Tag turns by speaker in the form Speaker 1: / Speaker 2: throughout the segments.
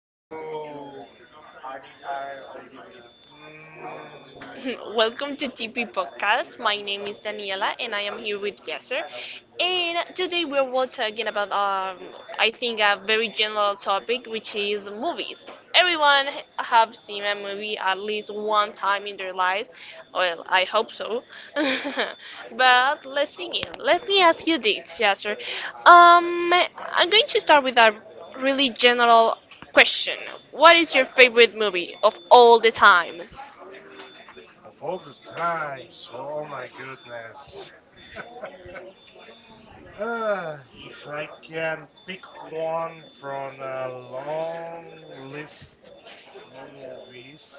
Speaker 1: so mm,
Speaker 2: Welcome to TP Podcast. My name is Daniela and I am here with Yasser. And today we are talking about I think a very general topic, which is movies. Everyone have seen a movie at least one time in their lives. Well, I hope so. But let's begin. Let me ask you this, Yasser. Um, I'm going to start with a really general question. What is your favorite movie of all the times?
Speaker 1: of all the times, oh my goodness. If I can pick one from a long list of movies,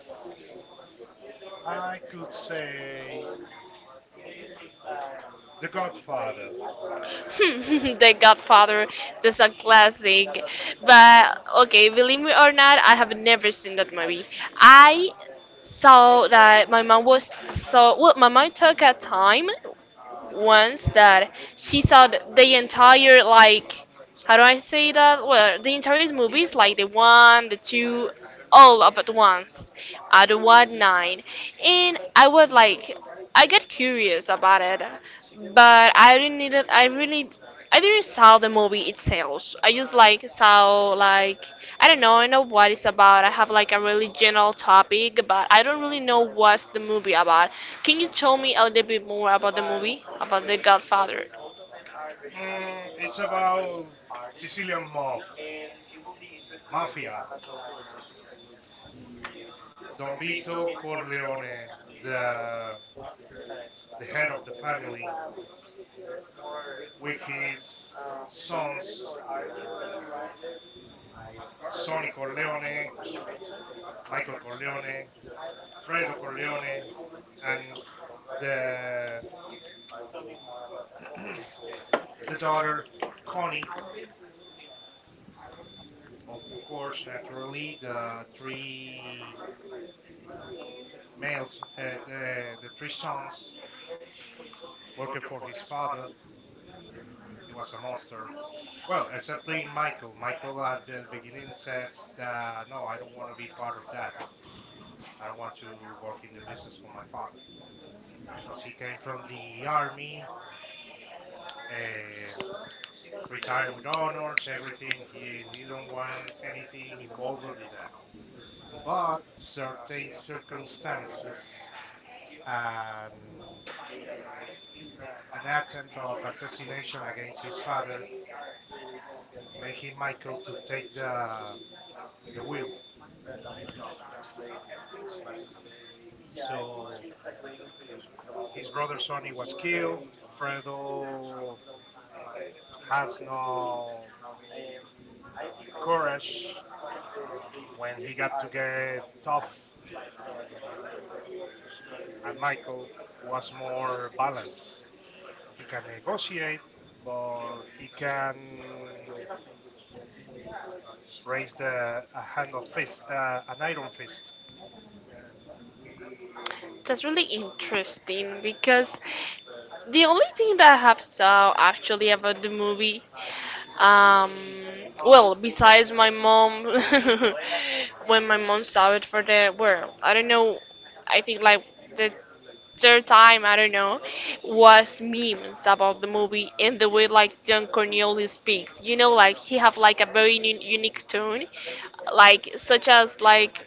Speaker 1: I could say The Godfather.
Speaker 2: The Godfather. That's a classic. But okay, believe me or not, I have never seen that movie. I saw that my mom was so well. My mom took a time once that she saw the entire, like, how do I say that? Well, the entire movies, like the one, the two, all up at once at one night, and I was like, I got curious about it, but I didn't need it. I really I didn't saw the movie itself. I just like saw like I don't know. I know what it's about. I have like a really general topic, but I don't really know what's the movie about. Can you tell me a little bit more about the movie about The Godfather?
Speaker 1: It's about Sicilian mob, mafia, Don Vito Corleone, the the head of the family, with his sons, Sonny Corleone, Michael Corleone, Fredo Corleone, and the, the daughter, Connie. Of course, naturally, the three males, the three sons working for his father. He was a monster. Well, except Michael. Michael at the beginning says that no, I don't want to be part of that. I don't want to work in the business of my father. Because he came from the army, uh, retired with honors, everything. He don't want anything involved with that. But certain circumstances and an attempt of assassination against his father, making Michael to take the will job. So his brother Sonny was killed. Fredo has no courage when he got to get tough, and Michael was more balanced. He can negotiate, but he can raise the a hand of fist, an iron fist.
Speaker 2: That's really interesting because the only thing that I have saw actually about the movie, um, well, besides my mom, when my mom saw it for the well, I don't know, I think like the third time, I don't know, was memes about the movie and the way like Don Cornelius speaks. You know, like he have like a very unique tone, like such as like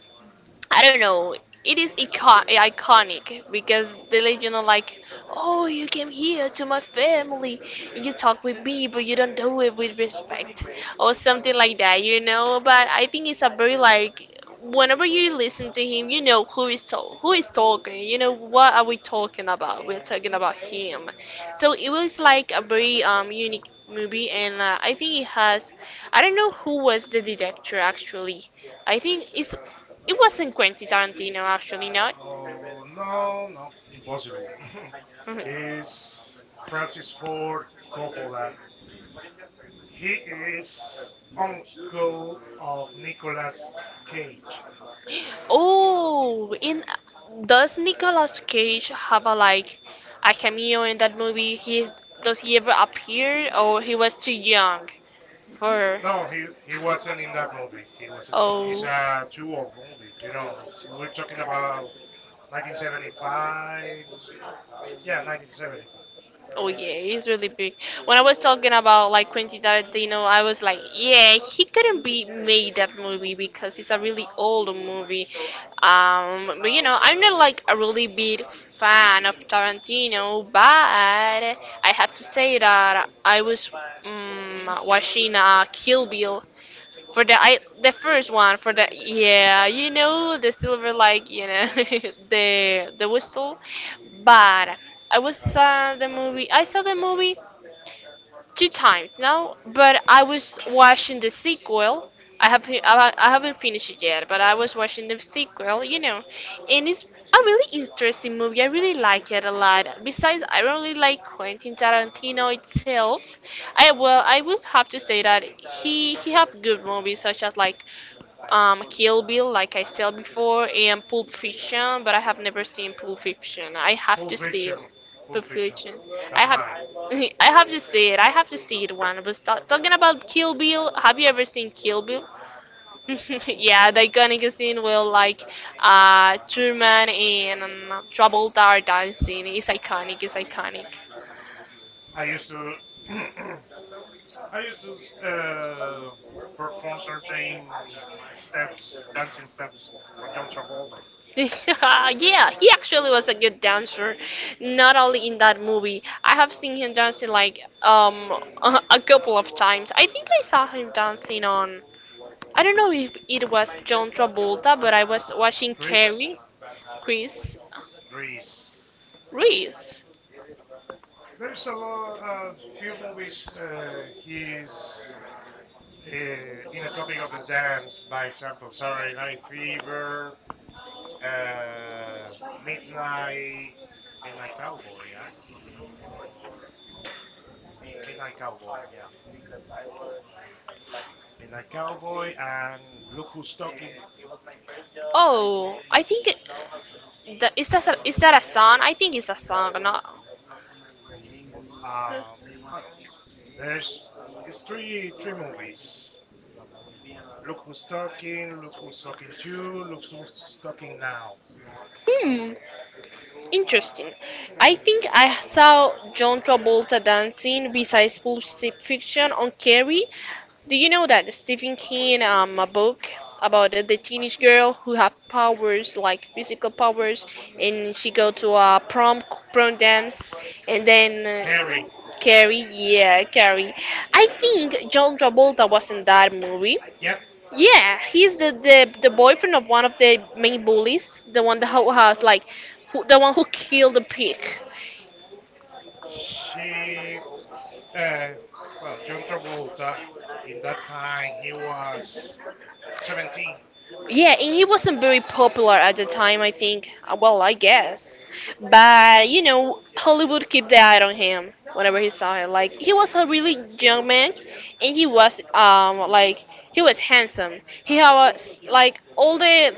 Speaker 2: I don't know. It is iconic because they let you know, like, oh, you came here to my family, and you talk with me, but you don't do it with respect, or something like that, you know. But I think it's a very like, whenever you listen to him, you know who is talk, who is talking. You know what are we talking about? We're talking about him. So it was like a very unique movie, and I think it has. I don't know who was the director actually. I think it's it wasn't Quentin Tarantino, actually, not.
Speaker 1: Oh no, no, impossible.
Speaker 2: Mhm.
Speaker 1: Is Francis Ford Coppola. He is uncle of Nicolas Cage.
Speaker 2: Oh, in does Nicolas Cage have a like a cameo in that movie? He does he ever appear, or he was too young for?
Speaker 1: No, he wasn't in that movie. He wasn't.
Speaker 2: Oh.
Speaker 1: It's a too old movie. You know, we're talking about 1975. Yeah, 1975.
Speaker 2: Oh yeah, he's really big. When I was talking about like Quentin Tarantino, I was like, yeah, he couldn't be made that movie because it's a really old movie. But you know, I'm not like a really big fan of Tarantino, but I have to say that I was watching Kill Bill for the I the first one for the yeah you know the silver like you know the whistle, but I was saw the movie I saw the movie two times now, but I was watching the sequel. I have I haven't finished it yet, but I was watching the sequel, you know, and it's a really interesting movie. I really like it a lot. Besides, I really like Quentin Tarantino itself. I well, I would have to say that he have good movies such as like Kill Bill, like I said before, and Pulp Fiction, but I have never seen Pulp Fiction. I have
Speaker 1: Pulp
Speaker 2: to see
Speaker 1: Fiction.
Speaker 2: it
Speaker 1: Pulp Fiction.
Speaker 2: future. I
Speaker 1: That's
Speaker 2: have,
Speaker 1: mine.
Speaker 2: I have to see it. I have to see it one. I was talking about Kill Bill. Have you ever seen Kill Bill? Yeah, the iconic scene where like Truman and Travolta are dancing is iconic. It's iconic.
Speaker 1: I used to. I used to perform certain steps, dancing steps from John Travolta.
Speaker 2: Yeah, he actually was a good dancer. Not only in that movie, I have seen him dancing like a couple of times. I think I saw him dancing on I don't know if it was John Travolta, but I was watching
Speaker 1: Grease.
Speaker 2: Carrie, Chris,
Speaker 1: Grease.
Speaker 2: Reese.
Speaker 1: There's a lot, a few movies. He's uh, in a topic of the dance, by example, Saturday Night Fever, uh, Midnight Midnight Cowboy. I don't know, remember, or Midnight Cowboy, yeah. Midnight Cowboy and Look Who's Talking.
Speaker 2: Oh, I think it, that, is that a song? I think it's a song, not.
Speaker 1: Um, I don't think so. There's it's three movies. Look Who's Talking, Look Who's Talking to, Look Who's Talking Now.
Speaker 2: Hmm. Interesting. I think I saw John Travolta dancing besides Pulp Fiction on Carrie. Do you know that Stephen King, a book about the teenage girl who have powers like physical powers, and she go to a prom dance, and then Carrie,
Speaker 1: Carrie,
Speaker 2: Carrie, yeah, Carrie. I think John Travolta was in that movie.
Speaker 1: yep,
Speaker 2: Yeah, he's the, the boyfriend of one of the main bullies, the one that who has like, who, the one who killed the pig.
Speaker 1: she. Uh, well, John Travolta in that time he was 17.
Speaker 2: Yeah, and he wasn't very popular at the time, I think. Well, I guess. But, you know, Hollywood kept the eye on him whenever he saw him. Like, he was a really young man, and he was, like, he was handsome. He had, like, all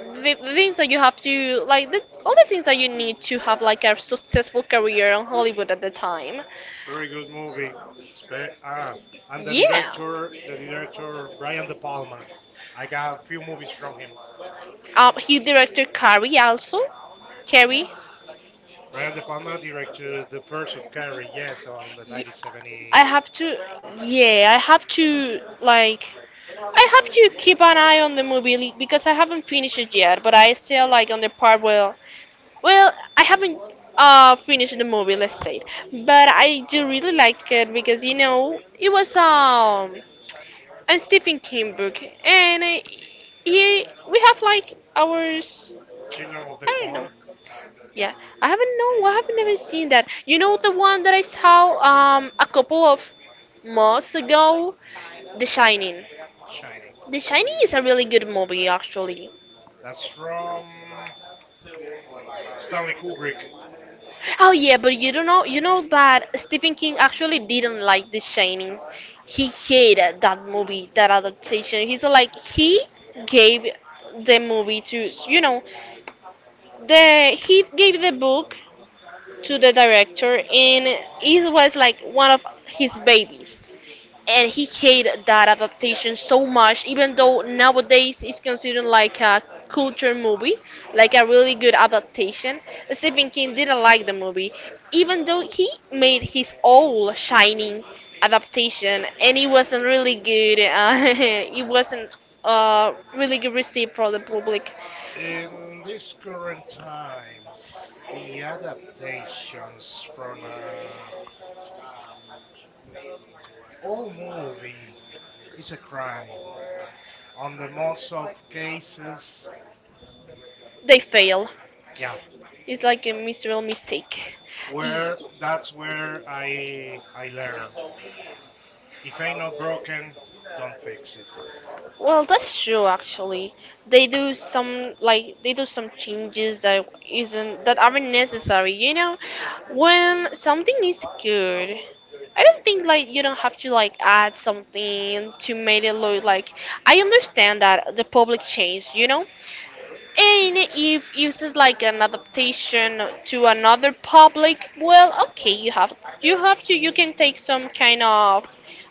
Speaker 2: the things that you have to, like, the, all the things that you need to have, like, a successful career on Hollywood at the time.
Speaker 1: Very good movie. Ah, and the
Speaker 2: Yeah.
Speaker 1: director, the director Brian De Palma. I got a few movies from him.
Speaker 2: He directed Carrie also. Carrie.
Speaker 1: Brian De Palma directed the first of Carrie, yes, on the
Speaker 2: Y- I
Speaker 1: 1978.
Speaker 2: have to, yeah, I have to like, I have to keep an eye on the movie because I haven't finished it yet. But I still like on the part where, well, I haven't finished the movie, let's say it. But I do really like it because you know it was a Stephen King book, and he we have like ours.
Speaker 1: Children of the
Speaker 2: I don't know.
Speaker 1: Corn.
Speaker 2: Yeah, I haven't know. I have never seen that. You know the one that I saw a couple of months ago, The Shining.
Speaker 1: The Shining.
Speaker 2: The Shining is a really good movie actually.
Speaker 1: That's from Stanley Kubrick.
Speaker 2: Oh yeah, but you don't know. You know that Stephen King actually didn't like The Shining. He hated that movie, that adaptation. He's like he gave the movie to you know The he gave the book to the director, and it was like one of his babies. And he hated that adaptation so much, even though nowadays it's considered like a culture movie, like a really good adaptation. Stephen King didn't like the movie, even though he made his own Shining adaptation, and it wasn't really good. It wasn't really good received from the public.
Speaker 1: In these current times, the adaptations from an old movie is a crime. On the most of cases,
Speaker 2: They fail.
Speaker 1: yeah,
Speaker 2: It's like a miserable mistake.
Speaker 1: where that's where I learn. If ain't not broken, don't fix it.
Speaker 2: Well, that's true actually. They do some like they do some changes that isn't that aren't necessary, you know? When something is good, I don't think like you don't have to like add something to make it look like I understand that the public changed, you know? And if uses like an adaptation to another public, well, okay, you have to you can take some kind of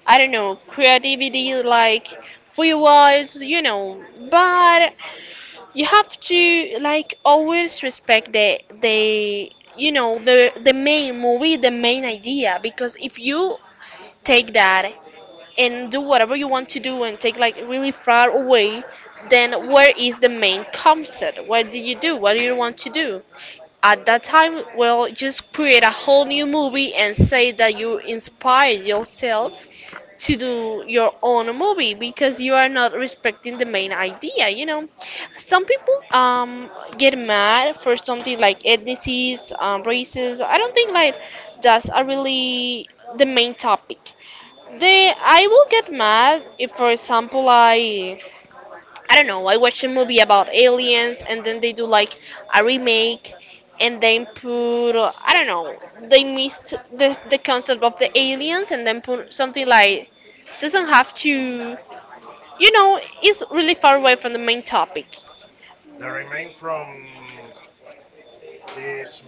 Speaker 2: I don't know creativity like free words, you know, but you have to like always respect the you know the main movie, the main idea, because if you take that and do whatever you want to do and take like really far away, then where is the main concept? What do you do? What do you want to do? At that time, well, just create a whole new movie and say that you inspired yourself to do your own movie because you are not respecting the main idea you know some people get mad for something like ethnicities races I don't think like that's a really the main topic they, I will get mad if, for example, I don't know, I watch a movie about aliens and then they do like a remake and then put, I don't know, they missed the concept of the aliens and then put something like, doesn't have to, you know, it's really far away from the main topic.
Speaker 1: The remain from This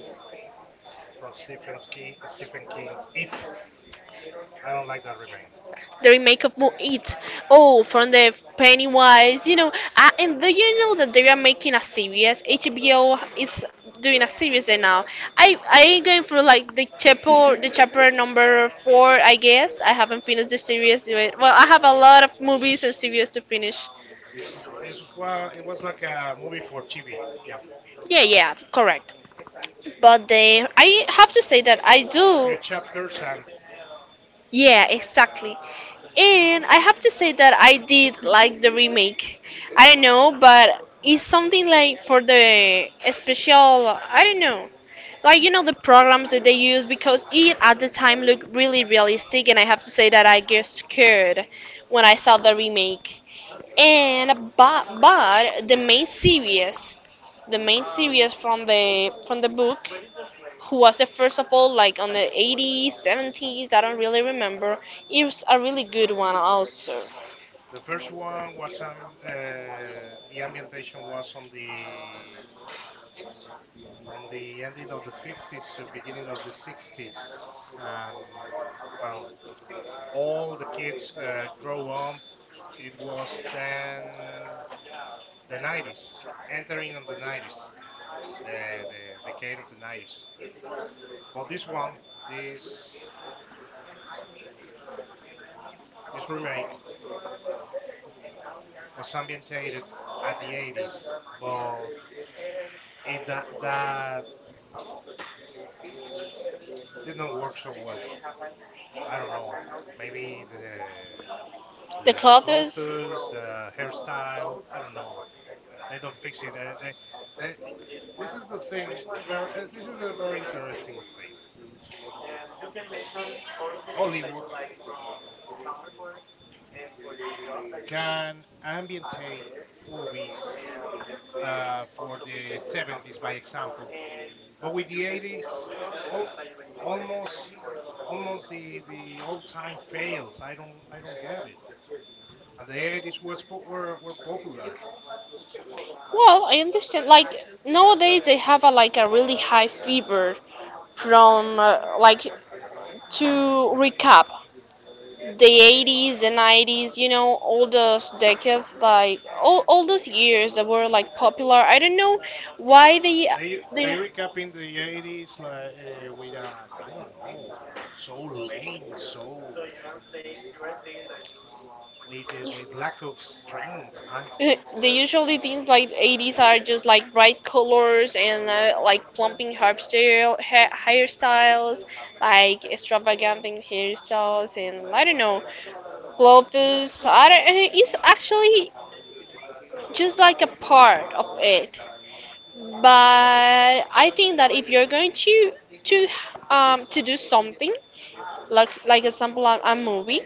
Speaker 1: from Stephen King. Stephen King. It. I don't like that remain.
Speaker 2: The remake of Mo It. Oh, from the Pennywise, you know. And do you know that they are making a series? HBO is doing a series right now. I going through like the chapter number four, I guess. I haven't finished the series yet. Well, I have a lot of movies and
Speaker 1: S-
Speaker 2: series to finish.
Speaker 1: it was like a movie for TV. Yeah,
Speaker 2: Yeah, yeah, correct. But they, I have to say that I do.
Speaker 1: few chapters. And
Speaker 2: Yeah, exactly. And I have to say that I did like the remake. I don't know, but it's something like for the special, I don't know. Like you know the programs that they use because it at the time looked really realistic and I have to say that I get scared when I saw the remake. And but the main series, from the book, who was the first of all, like, on the 80s, 70s, I don't really remember. It was a really good one also.
Speaker 1: the first one was the ambientation was on the ending of the 50s, beginning of the 60s, and well, all the kids grow up. It was then the 90s, entering on the 90s, the decade of the 90s. But this one, this this remake was ambientated at the 80s, but it that that did not work so well. I don't know. Maybe the
Speaker 2: The
Speaker 1: the
Speaker 2: clothes.
Speaker 1: clothes, the hairstyle. I don't know. They don't fix it. They, this is the thing. This is a very interesting thing. Hollywood can ambientate movies for the 70s, by example. But with the 80s, al- almost almost the all time fails. I don't get it. And the 80s were popular.
Speaker 2: Well, I understand, like, nowadays they have a, like, a really high fever from like, to recap the 80s and 90s, all those decades, like all those years that were like popular. I don't know why they
Speaker 1: They
Speaker 2: they
Speaker 1: recap in the 80s like, with, I don't know, so lame, so with lack of strength. I
Speaker 2: The usually things like 80s are just like bright colors and like plumping hairstyle, hairstyles, like extravagant hairstyles, and, I don't know, globus. I don't. It's actually just like a part of it. But I think that if you're going to, to to do something, like example, a movie,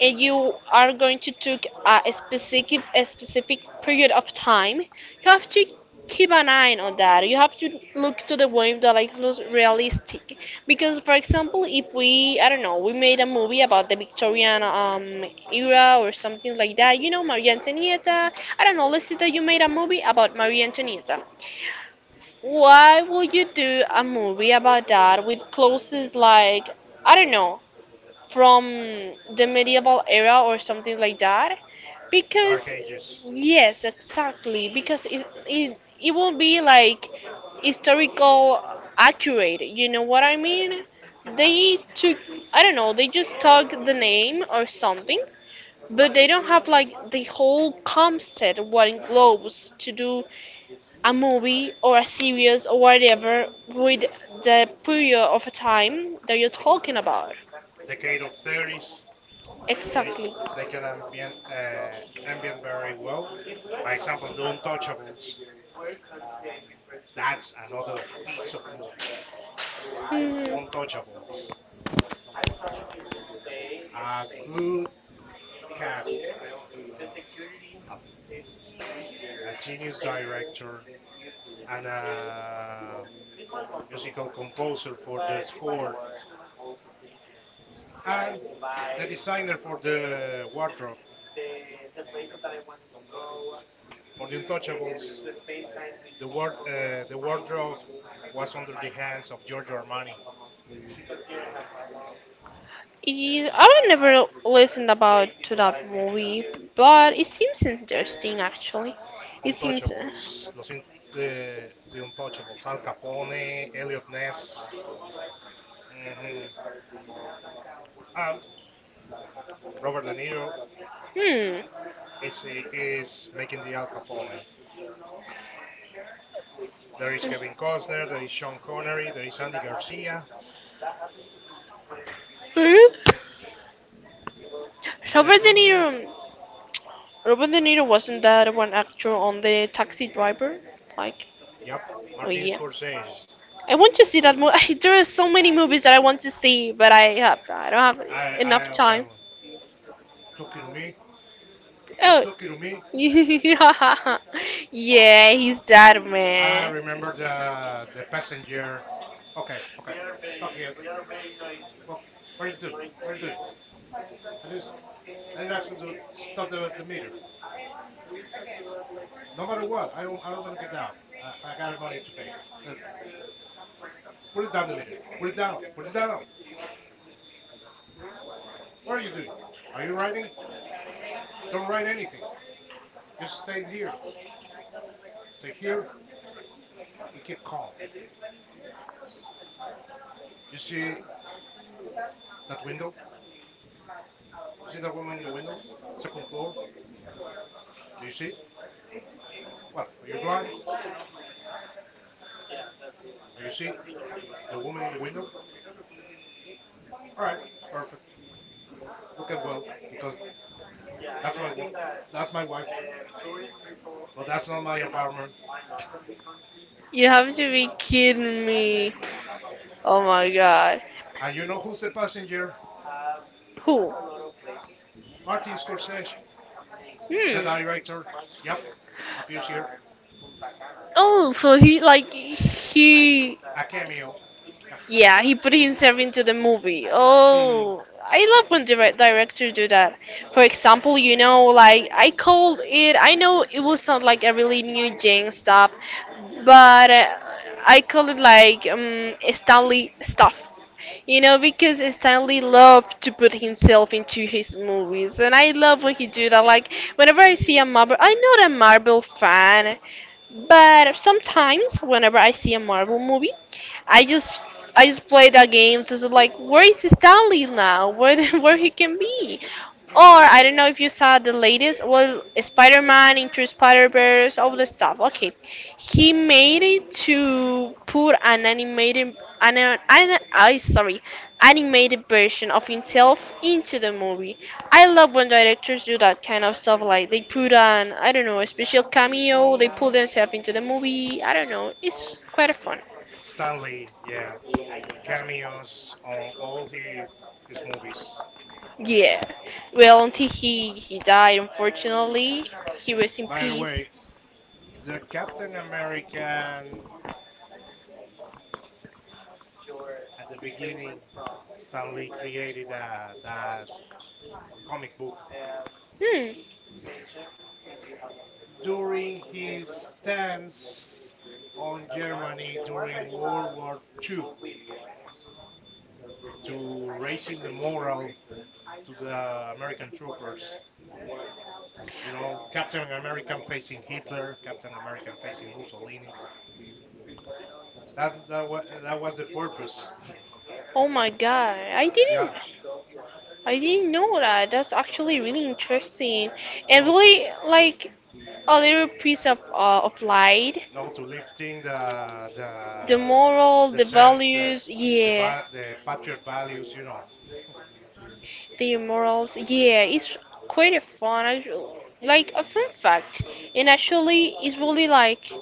Speaker 2: and you are going to take a specific period of time, you have to keep an eye on that. You have to look to the way that, like, looks realistic. Because, for example, if we, I don't know, we made a movie about the Victorian era or something like that. You know, Maria Antonietta, I don't know, let's say that you made a movie about Maria Antonietta. Why would you do a movie about that with clothes like, I don't know, from the medieval era or something like that?
Speaker 1: Dark
Speaker 2: Because
Speaker 1: Ages, hmm.
Speaker 2: yes, exactly, because it won't be like historical accurate. You know what I mean. They took, I don't know, they just took the name or something, but they don't have like the whole concept what involves to do a movie or a series or whatever with the period of time that you're
Speaker 1: The
Speaker 2: talking about.
Speaker 1: decade of 30s. They
Speaker 2: Exactly.
Speaker 1: they can ambient very well. By example, the Untouchables. That's another piece of movie.
Speaker 2: Hmm.
Speaker 1: Untouchables. A good cast, a, a genius director, and a musical composer for the score, and the designer for the wardrobe. For the Untouchables, the wardrobe was under the hands of Giorgio Armani.
Speaker 2: I've never listened about to that movie, but it seems interesting actually. It seems,
Speaker 1: Untouchables, the Untouchables, Al Capone, Elliot Ness, mhm, and Robert De Niro
Speaker 2: hmm.
Speaker 1: is making the Al Capone. There is Kevin Costner, there is Sean Connery, there is Andy Garcia,
Speaker 2: Robert De
Speaker 1: Isagu,
Speaker 2: Niro. Robin De Niro wasn't that one actor on the Taxi Driver? Like,
Speaker 1: yep,
Speaker 2: oh
Speaker 1: Martin
Speaker 2: yeah.
Speaker 1: Scorsese.
Speaker 2: I want to see that movie. There are so many movies that I want to see, but I don't have
Speaker 1: I
Speaker 2: enough time.
Speaker 1: love "Talking to me, you
Speaker 2: Oh,
Speaker 1: talking to me."
Speaker 2: yeah, yeah, he's that
Speaker 1: I
Speaker 2: man.
Speaker 1: remember the passenger. Okay, okay, stop here. What what are you doing? What are you doing? I just I just asked you to stop the meter. No matter what, I don't gonna get down. I got money to pay. Uh, put it down the meter. Put it down. Put it down. What are you doing? Are you writing? Don't write anything. Just stay here. Stay here. We keep calm. You see that window? You see that woman in the window? Second floor? Do you see? What? Are you blind? Are you see the woman in the window? All right, perfect. Look at well because that's my wo- that's my wife, but that's not my apartment.
Speaker 2: You have to be kidding me. Oh my god.
Speaker 1: And you know who's the passenger?
Speaker 2: Who?
Speaker 1: Martin Scorsese, the
Speaker 2: Hmm.
Speaker 1: director. Yep, appears here.
Speaker 2: Oh, so he, like, he.
Speaker 1: A cameo. Yep.
Speaker 2: Yeah, he put himself into the movie.
Speaker 1: Mm,
Speaker 2: Oh, I love when directors do that. For example, like, I called it. I know it will sound like a really new gen stuff, but I call it like Stanley stuff. You know, because Stanley loved to put himself into his movies, and I love when he do that. Like whenever I see a Marvel, I'm not a Marvel fan, but sometimes whenever I see a Marvel movie, I just, play that game to like, where is Stanley now? Where where he can be? Or I
Speaker 1: mm,
Speaker 2: don't know if you saw the latest, well, Spider-Man into Spider-Verse, all the stuff. Okay, he made it to put an animated, an I sorry, animated version of himself into the movie. I love when directors do that kind of stuff. Like they put an, I don't know, a special cameo. They put
Speaker 1: mm.
Speaker 2: themselves into the movie. I don't know. It's quite fun.
Speaker 1: Stanley, yeah, cameos on all his movies.
Speaker 2: Yeah. Well, until he died, unfortunately, he was in
Speaker 1: By the
Speaker 2: peace.
Speaker 1: way, the Captain American at the beginning, Stan Lee created that comic book
Speaker 2: Hmm.
Speaker 1: during his stance on Germany during World War II to raising the morale to the American troopers. You know, Captain American facing Hitler, Captain American facing Mussolini. That was the purpose.
Speaker 2: Oh my god,
Speaker 1: Yeah,
Speaker 2: I didn't know that. That's actually really interesting
Speaker 1: you
Speaker 2: and
Speaker 1: know, to
Speaker 2: really like a little piece of light.
Speaker 1: no, to lifting
Speaker 2: The moral,
Speaker 1: the
Speaker 2: the
Speaker 1: sand
Speaker 2: values,
Speaker 1: the
Speaker 2: yeah,
Speaker 1: va- the patriot values, you know.
Speaker 2: the morals, yeah. It's quite a fun, like a fun fact. And actually, it's really like,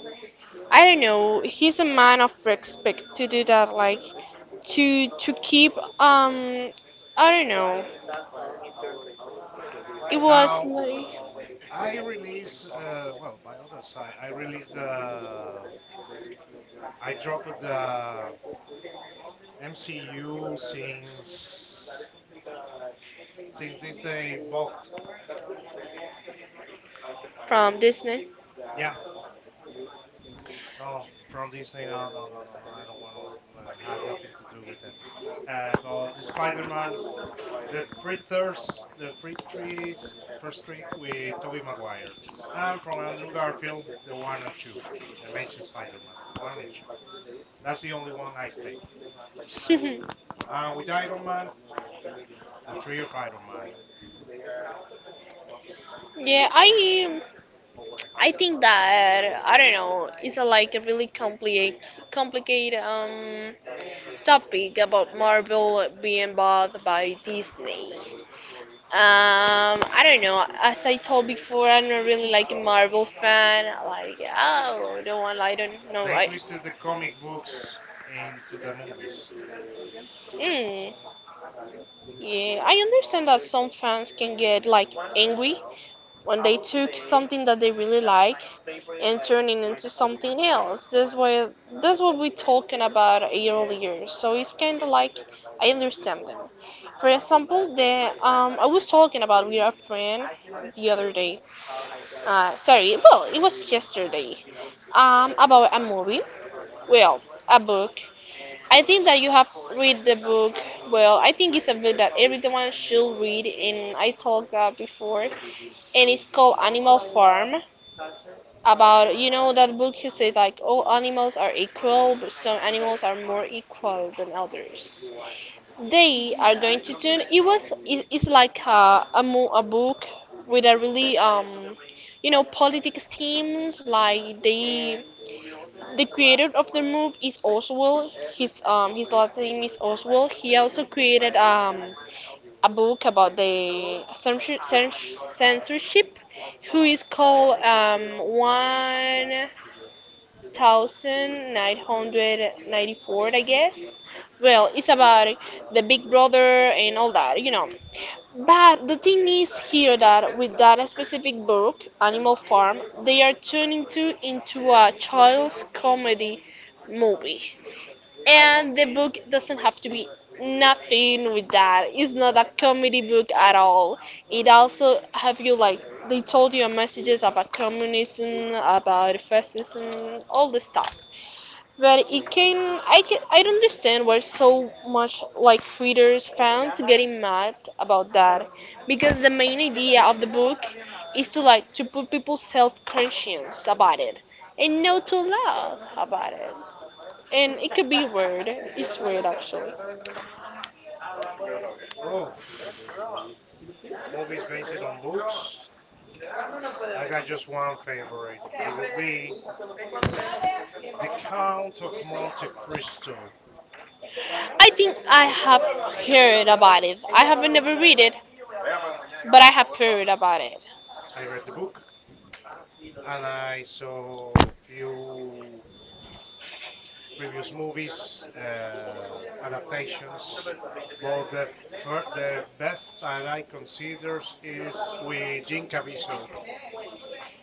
Speaker 2: I don't know. He's a man of respect to do that, like to keep um I don't know. It was
Speaker 1: Now
Speaker 2: like
Speaker 1: I release well by other side I dropped the MCU since Disney bought.
Speaker 2: from Disney.
Speaker 1: Yeah, no, from Disney, no, no, no, no, no, I don't want to, had nothing to do with that. But the Spider-Man, The free thirst, the free trees, first trick with Tobey Maguire, and from Andrew Garfield, the one and two, the Amazing Spider-Man, one and two. That's the only one I stay.
Speaker 2: yeah,
Speaker 1: And with Iron Man, the three of Iron Man.
Speaker 2: I. I think that, I don't know, it's like a really complicated topic about Marvel being bought by Disney. I don't know. As I told before, I'm not really like a Marvel fan. Like, oh, I don't want. I don't know.
Speaker 1: They
Speaker 2: I.
Speaker 1: twisted the comic books into the movies.
Speaker 2: Mm,
Speaker 1: Mm,
Speaker 2: yeah, I understand that some fans can get like angry when they took something that they really like and turn it into something else. That's what we talking about earlier. So it's kind of like, I understand them. For example, the I was talking about with a friend the other day. Sorry, well, it was yesterday. About a movie. Well, a book. I think that you have read the book. Well, I think it's a book that everyone should read, and I talked about before, and it's called Animal Farm. About, that book, he said like all animals are equal, but some animals are more equal than others. They are going to turn. It's like a book with a really politics themes, like the creator of the move is Oswald. His last name is Oswald. He also created a book about the censorship, who is called 1994, I guess. Well, it's about the Big Brother and all that, you know. But the thing is here that with that specific book, Animal Farm, they are turning to into a child's comedy movie. And the book doesn't have to be nothing with that. It's not a comedy book at all. It also have you like they told you messages about communism, about fascism, all the stuff. But it
Speaker 1: mm.
Speaker 2: can I don't understand why so much like readers fans getting mad about that, because the main idea of the book is to, like, to put people's self conscience about it and not to love about it. And it could be weird. It's weird actually.
Speaker 1: Oh, movies based on books. I got just one favorite. It would be The Count of Monte Cristo.
Speaker 2: I think I have heard about it. I haven't never read it, but I have heard about it.
Speaker 1: I read the book, and I saw few previous movies adaptations. But the best that I considers is with Jim Caviezel,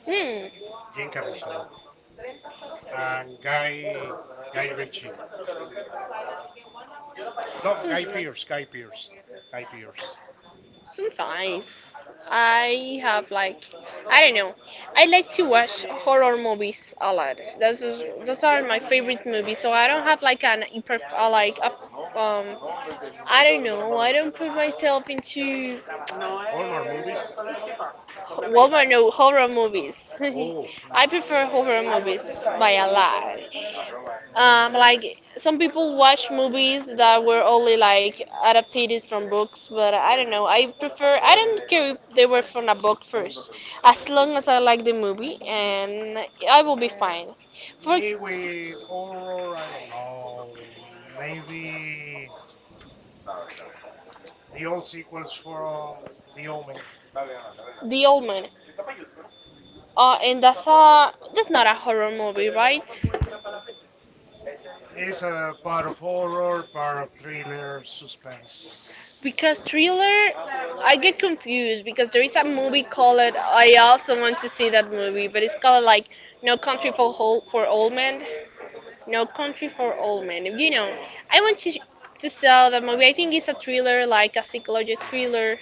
Speaker 2: Hmm.
Speaker 1: Jim Caviezel, and Guy Ritchie. No,
Speaker 2: So
Speaker 1: Guy
Speaker 2: it's—
Speaker 1: Pearce, Guy Pearce, Guy Pearce.
Speaker 2: Sometimes I have like, I don't know, I like to watch horror movies a lot. Those are my favorite movies. So I don't have like an hyper like um I don't know. I don't put myself into,
Speaker 1: Hallmark movies.
Speaker 2: well, no, horror movies.
Speaker 1: Oh,
Speaker 2: I prefer horror movies by a lot. Like some people watch movies that were only like adapted from books, but I don't know. I prefer. I don't care if they were from a book first, as long as I like the movie, and I
Speaker 1: mm,
Speaker 2: will be
Speaker 1: mm,
Speaker 2: fine. For
Speaker 1: me
Speaker 2: ex—
Speaker 1: with horror. I don't know. Maybe the old sequels from The Omen.
Speaker 2: The Old Man. And that's not a horror movie, right?
Speaker 1: It's a part of horror, part of thriller, suspense.
Speaker 2: Because thriller, I get confused because there is a movie called, I also want to see that movie, but it's called like No Country for for Old Men. No Country for Old Men. You know, I want to sell the movie. I think it's a thriller, like a
Speaker 1: It's a
Speaker 2: psychological
Speaker 1: thriller.
Speaker 2: thriller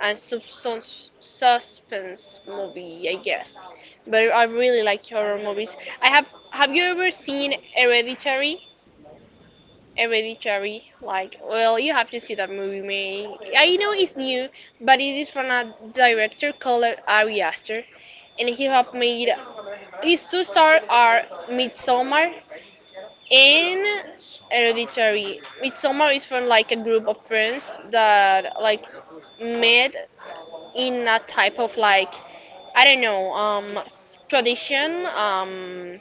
Speaker 2: and suspense movie, I guess. But I really like horror movies. I have. Have you ever seen Hereditary? Hereditary, like, well, you have to see that movie, man. I know it's new, but it is from a director called Ari Aster, and he have made his two stars are Midsommar and
Speaker 1: It's Soma.
Speaker 2: Hereditary. Midsommar is from like a group of friends that like met in a type of like, I don't know, tradition,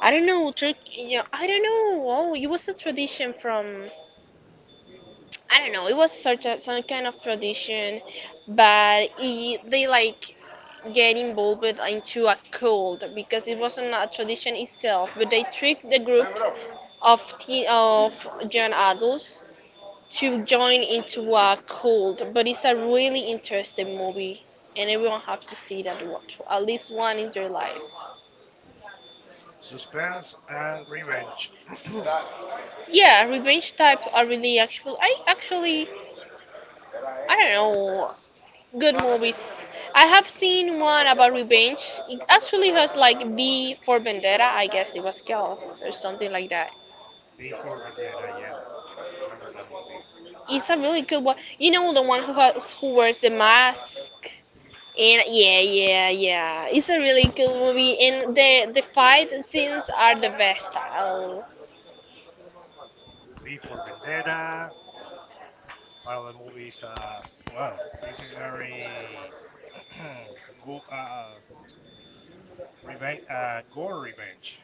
Speaker 2: I don't know, yeah, I don't know, oh, it was a tradition from, I don't know. It was such a some kind of tradition, but they like get involved into a cult because it wasn't a tradition itself. But they tricked the group of young adults to join into a cult. But it's a really interesting movie, and everyone have to see that one, at least one in their life.
Speaker 1: Suspense and revenge.
Speaker 2: Yeah, revenge type are really actual. I actually, I don't know. Good movies. I have seen one about revenge. It actually has like V for Vendetta, I guess it was called, or something like that.
Speaker 1: B for Vendetta, yeah. Remember that movie.
Speaker 2: It's a really good one. You know the one who wears the mask. And yeah, yeah, yeah. It's a really good movie, and the fight scenes are the best. Oh.
Speaker 1: B for Vendetta. One of the movies, well, this is very go, uh, revenge, gore revenge.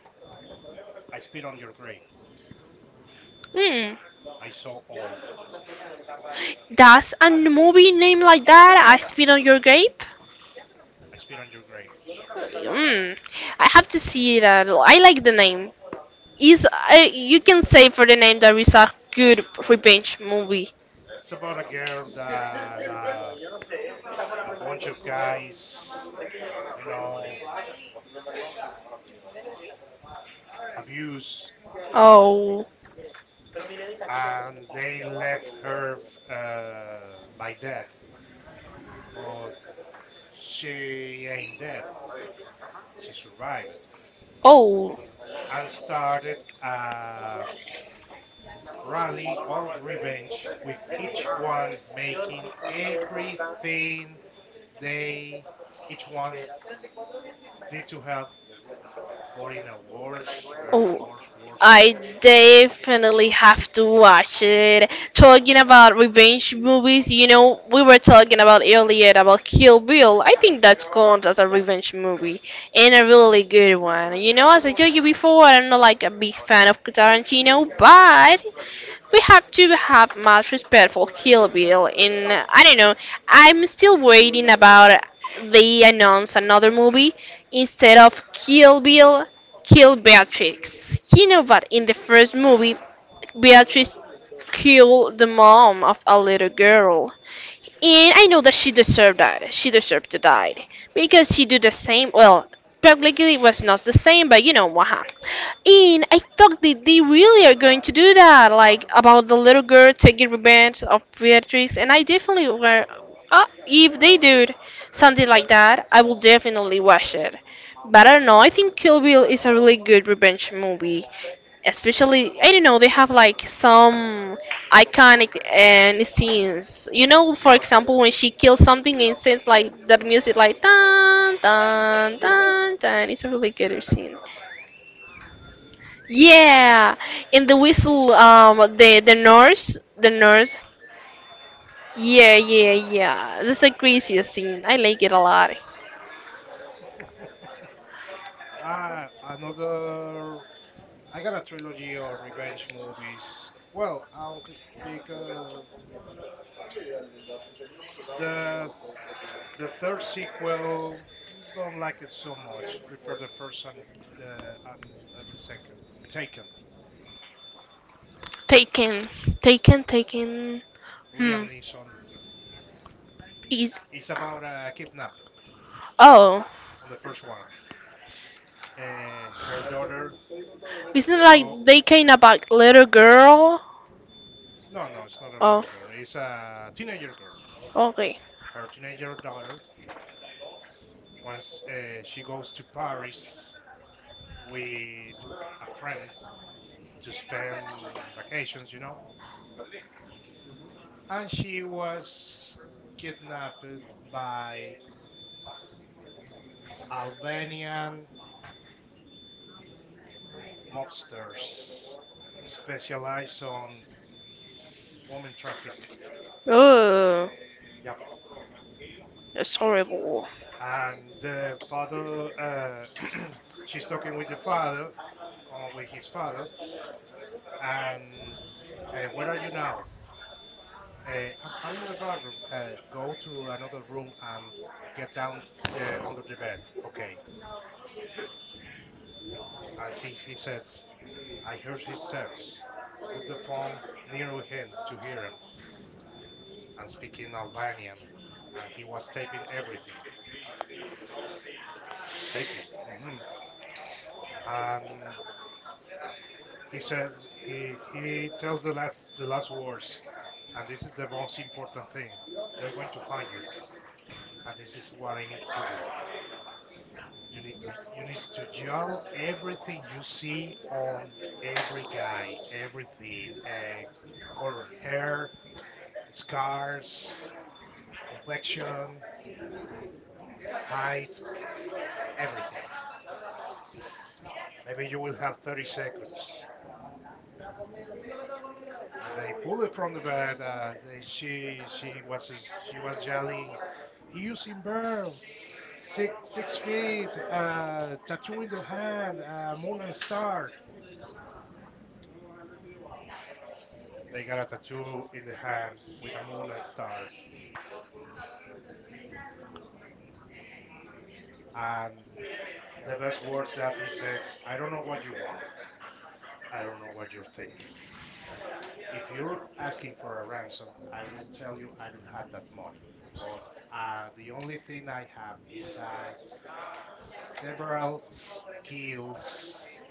Speaker 1: I spit on your grave.
Speaker 2: Hmm.
Speaker 1: I saw all.
Speaker 2: Does a movie name like that? I spit on your grape.
Speaker 1: I spit on your grave.
Speaker 2: Hmm. I have to see that. I like the name. Is I you can say for the name there is a good revenge movie.
Speaker 1: It's about a girl that a bunch of guys, you know, abuse,
Speaker 2: Oh,
Speaker 1: and they left her by death. But she ain't dead. She survived
Speaker 2: oh,
Speaker 1: and started a rally of revenge with each one making everything they each one did to her, but in a worse, very
Speaker 2: oh.
Speaker 1: worse, worse,
Speaker 2: I
Speaker 1: worse way.
Speaker 2: definitely have to watch it. Talking about revenge movies, you know, we were talking about earlier about Kill Bill. I think that counts as a revenge movie and a really good one. You know, as I told you before, I'm not like a big fan of Tarantino, but we have to have much respect for Kill Bill. In I don't know, I'm still waiting about they announce another movie instead of Kill Bill, Kill Beatrix. You know, but in the first movie, Beatrix killed the mom of a little girl. And I know that. She deserved to die because she did the same. Well, technically it was not the same, but you know what happened. And I thought that they really are going to do that, like about the little girl taking revenge of Beatrix. And I definitely were. If they do something like that, I will definitely watch it. But I don't know. I think Kill Bill is a really good revenge movie, especially, I don't know, they have like some iconic and scenes. You know, for example, when she kills something and sends like that music, like dun dun dun dun. It's a really good scene. Yeah, in the whistle, the nurse, the nurse. Yeah, yeah, yeah. This is a crazy scene. I like it a lot.
Speaker 1: Another, I got a trilogy of revenge movies, well, I don't, because The the third sequel don't like it so much. Prefer the first and the second. Taken.
Speaker 2: Taken, taken, taken. Hmm.
Speaker 1: Liam Neeson.
Speaker 2: Is
Speaker 1: It's about a kidnap
Speaker 2: oh.
Speaker 1: on the first one. Her daughter
Speaker 2: Isn't it like
Speaker 1: go.
Speaker 2: they came about little girl?
Speaker 1: No, no, it's not a
Speaker 2: Oh.
Speaker 1: little girl. It's a teenager girl.
Speaker 2: Okay.
Speaker 1: Her teenager daughter. Once she goes to Paris with a friend to spend vacations, you know, and she was kidnapped by Albanian mobsters specialize on woman traffic.
Speaker 2: Oh,
Speaker 1: Yep.
Speaker 2: that's horrible.
Speaker 1: And the father, she's talking with the father, with his father, and where are you now? I'm in the bathroom. Go to another room and get down under the bed. Okay. And he says, "I heard his steps. Put the phone near him to hear him and speak in Albanian." And he was taping everything. Taping. Hmm. And he says he tells the last words, and this is the most important thing. They're going to find you, and this is what I need you to do. You need to yell everything you see on every guy, everything, color hair, scars, complexion, height, everything. Maybe you will have 30 seconds. And they pulled it from the bed. She was yelling, "He using bird, six feet, tattoo in the hand, moon and star." They got a tattoo in the hand with a moon and star, and the best words that he says, "I don't know what you want. I don't know what you're thinking. If you're asking for a ransom, I would tell you I don't have that money. But the only thing I have is several skills,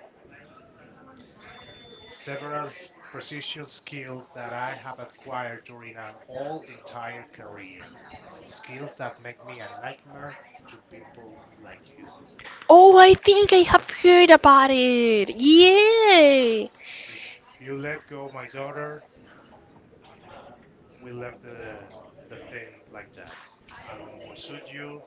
Speaker 1: several precision skills that I have acquired during an all entire career. Skills that make me a nightmare to people like you.
Speaker 2: Oh, I think I have heard about it. Yeah.
Speaker 1: If you let go my daughter, we left the thing like that. I won't pursue you.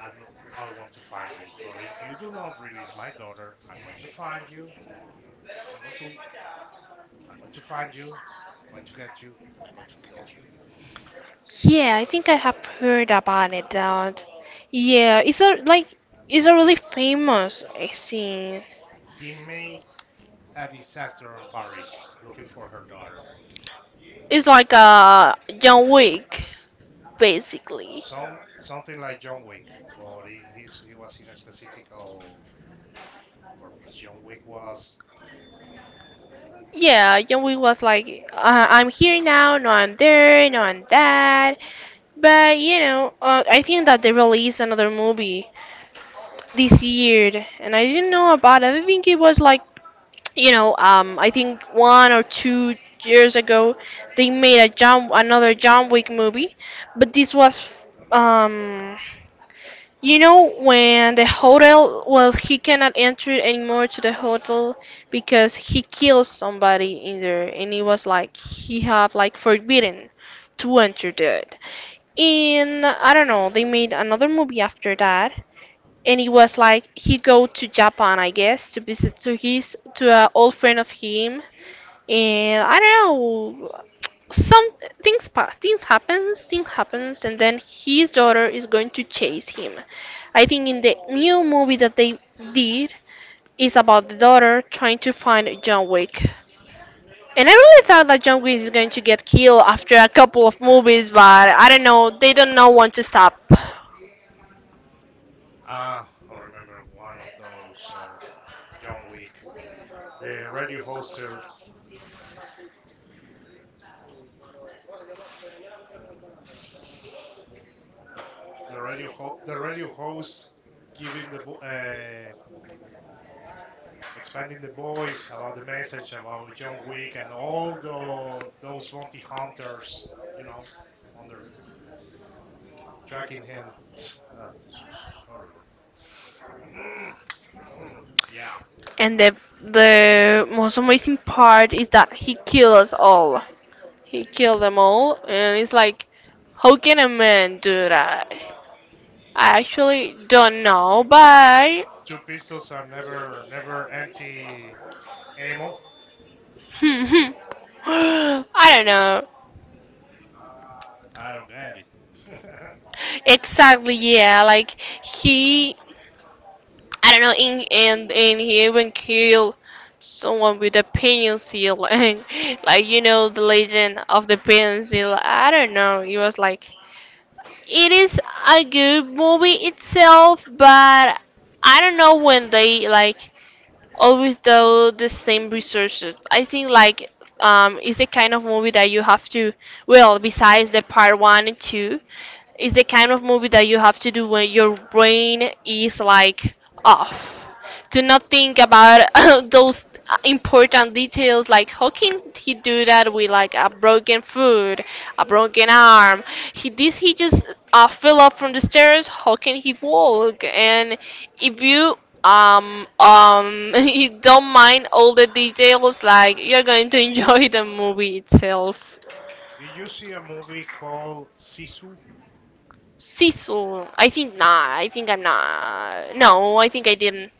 Speaker 1: And I want to find you. But if you do not release my daughter, I'm going to find you. I'm going to I'm going to find you. I'm going to get you, and I'm going to kill you.
Speaker 2: Yeah, I think I have heard about it. That. Yeah, it's a like it's a really
Speaker 1: He
Speaker 2: famous scene.
Speaker 1: he made a disaster in Paris looking for her daughter.
Speaker 2: It's like a John Wick, basically.
Speaker 1: Something like John Wick, but he was in a specific purpose. John Wick was...
Speaker 2: Yeah, John Wick was like, I'm here now. No, I'm there. No, I'm that. But you know, I think that they released another movie this year, and I didn't know about it. I think it was like you know, I think 1 or 2 years ago they made a John Wick movie, but this was um, you know when the hotel well he cannot enter anymore to the hotel because he kills somebody in there, and it was like he have like forbidden to enter there. And I don't know, they made another movie after that, and it was like he go to Japan, I guess, to visit to his to an old friend of him, and I don't know, some things pass, things happens, and then his daughter is going to chase him. I think in the new movie that they did is about the daughter trying to find John Wick. And I really thought that John Wick is going to get killed after a couple of movies, but I don't know, they don't know when to stop.
Speaker 1: I remember one of those of John Wick. The radio hoster the radio host giving expanding the voice about the message about John Wick and all the those bounty hunters, you know, on their tracking him. Ah, this was horrible. Mm, hmm, Yeah,
Speaker 2: And the most amazing part is that he killed us all. He killed them all, and it's like, how can a man do that? I actually don't know, but
Speaker 1: two pistols and never empty ammo.
Speaker 2: I don't know
Speaker 1: I don't get it.
Speaker 2: exactly. Yeah, like he, I don't know, in and he even killed someone with a pencil, and like you know the legend of the pencil. I don't know. It was like it is a good movie itself, but I don't know when they like always do the same research. I think like it's the kind of movie that you have to well besides the part one and two, it's the kind of movie that you have to do when your brain is like off. To not think about those important details like how can he do that with like a broken foot, a broken arm? He just fell off from the stairs. How can he walk? And if you you don't mind all the details, like you're going to enjoy the movie itself.
Speaker 1: Did you see a movie called Sisu?
Speaker 2: Sisu, I think not. I think I'm not. No, I think I didn't.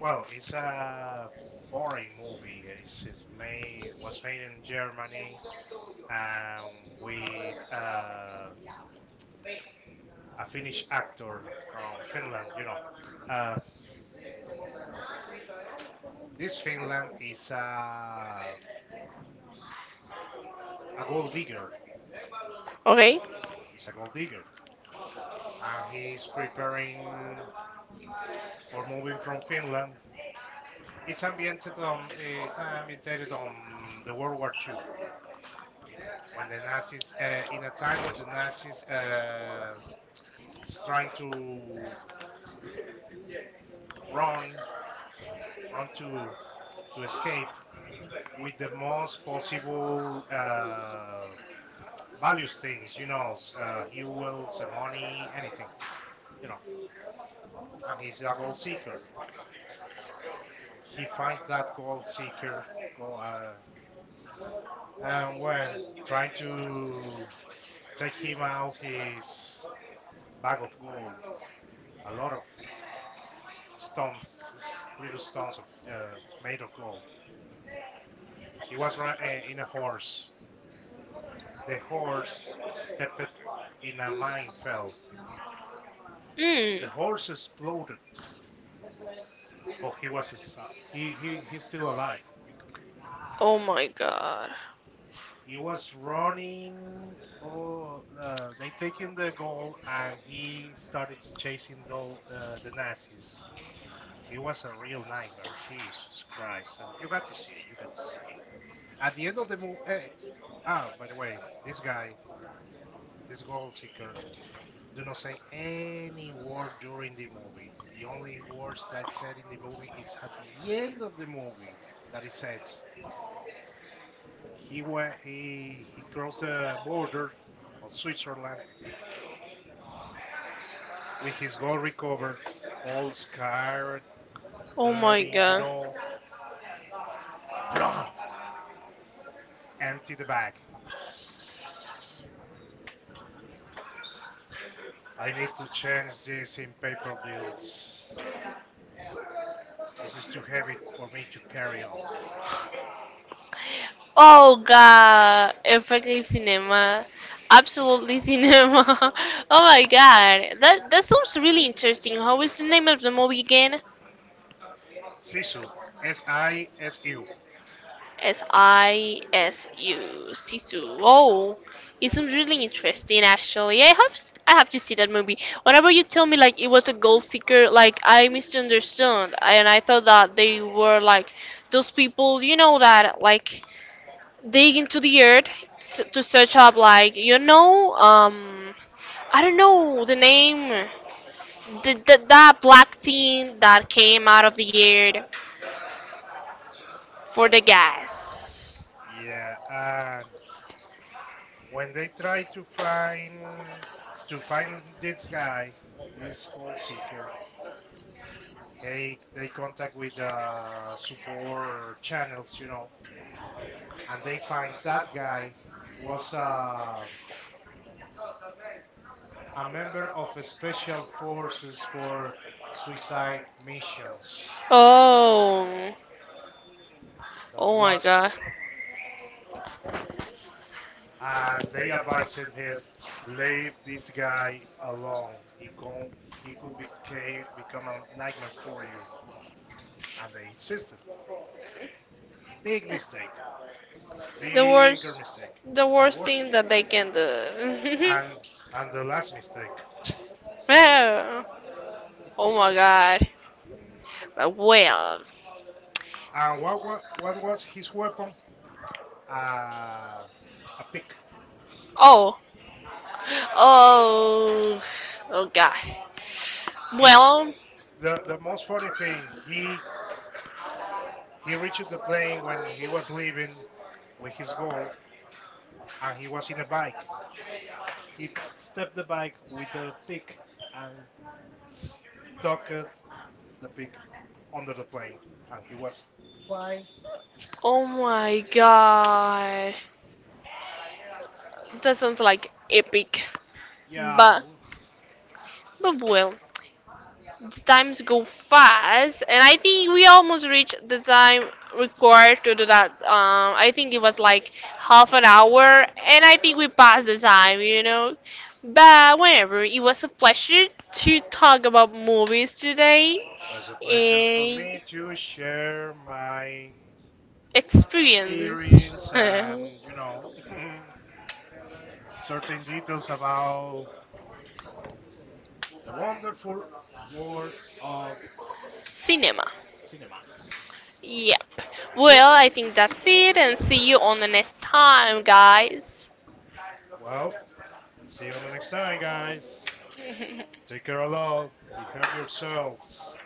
Speaker 1: Well, it's a foreign movie. It's made was made in Germany and with a Finnish actor from Finland. You know, uh, this Finland is a gold digger.
Speaker 2: Okay.
Speaker 1: He's a gold digger, and he's preparing for moving from Finland. It's ambiented on the World War Two when the Nazis in a time when the Nazis is trying to run, run to escape with the most possible values things, you know, jewels, money, anything, you know. And he's a gold seeker. He finds that gold seeker, gold, uh, and when trying to take him out, his bag of gold, a lot of stones, little stones of uh, made of gold. He was in a horse. The horse stepped in a minefield. The
Speaker 2: Mm.
Speaker 1: horse exploded, but he was s- he he's still alive.
Speaker 2: Oh my god.
Speaker 1: He was running. Oh, they taken the goal, and he started to chasing though the Nazis. He was a real nightmare. Jesus Christ! You got to see. You got to see. At the end of the movie. By the way, this guy, this goal seeker, do not say any word during the movie. The only words that I said in the movie is at the end of the movie that it says he went he crossed the border of Switzerland with his gold recovered, all scarred,
Speaker 2: Oh my
Speaker 1: dirty, you
Speaker 2: god.
Speaker 1: know, blah, empty the bag. I need to change this in paper bills. This is too heavy for me to carry on.
Speaker 2: Oh god, effective cinema, absolutely cinema. Oh my god, that sounds really interesting. How is the name of the movie again?
Speaker 1: Sisu, S I S U.
Speaker 2: S I S U. Sisu. Oh, it's really interesting actually. I have to see that movie. Whenever you tell me like it was a gold seeker, like I misunderstood and I thought that they were like those people, you know, that like dig into the earth to search up like you know, I don't know the name, the that black thing that came out of the earth for the gas.
Speaker 1: Yeah, when they try to find this guy, this goal seeker, hey, they contact with support channels, you know, and they find that guy was a member of a special forces for suicide missions.
Speaker 2: Oh.
Speaker 1: That
Speaker 2: Oh my god.
Speaker 1: was, and they advised him, leave this guy alone. He could became become a nightmare for you, and they insisted. Big mistake.
Speaker 2: The
Speaker 1: Bigger
Speaker 2: worst
Speaker 1: mistake.
Speaker 2: the
Speaker 1: The
Speaker 2: worst
Speaker 1: worst
Speaker 2: thing
Speaker 1: mis-
Speaker 2: that they can do.
Speaker 1: and and the last mistake. That- one.
Speaker 2: Oh, oh my god. But well.
Speaker 1: And what was his weapon? Uh, a pick.
Speaker 2: Oh. Oh. Oh god.
Speaker 1: He
Speaker 2: Well,
Speaker 1: The most funny thing. He reached the plane when he was leaving with his goal, and he was in a bike. He stepped the bike with a pick and stuck the pick under the plane, and he was flying.
Speaker 2: oh my god. That sounds like epic.
Speaker 1: Yeah,
Speaker 2: But but well, the times go fast, and I think we almost reached the time required to do that. I think it was like half an hour, and I think we passed the time, you know. But whatever, it was a pleasure to talk about movies today
Speaker 1: was a pleasure for me
Speaker 2: and
Speaker 1: to share my
Speaker 2: experience
Speaker 1: experience and, you know, certain details about the wonderful world of
Speaker 2: cinema.
Speaker 1: cinema.
Speaker 2: Yep.
Speaker 1: That's it.
Speaker 2: Well, I think that's it, and see you on the next time, guys.
Speaker 1: Well, see you on the next time, guys. Take care a lot. Be hurt yourselves.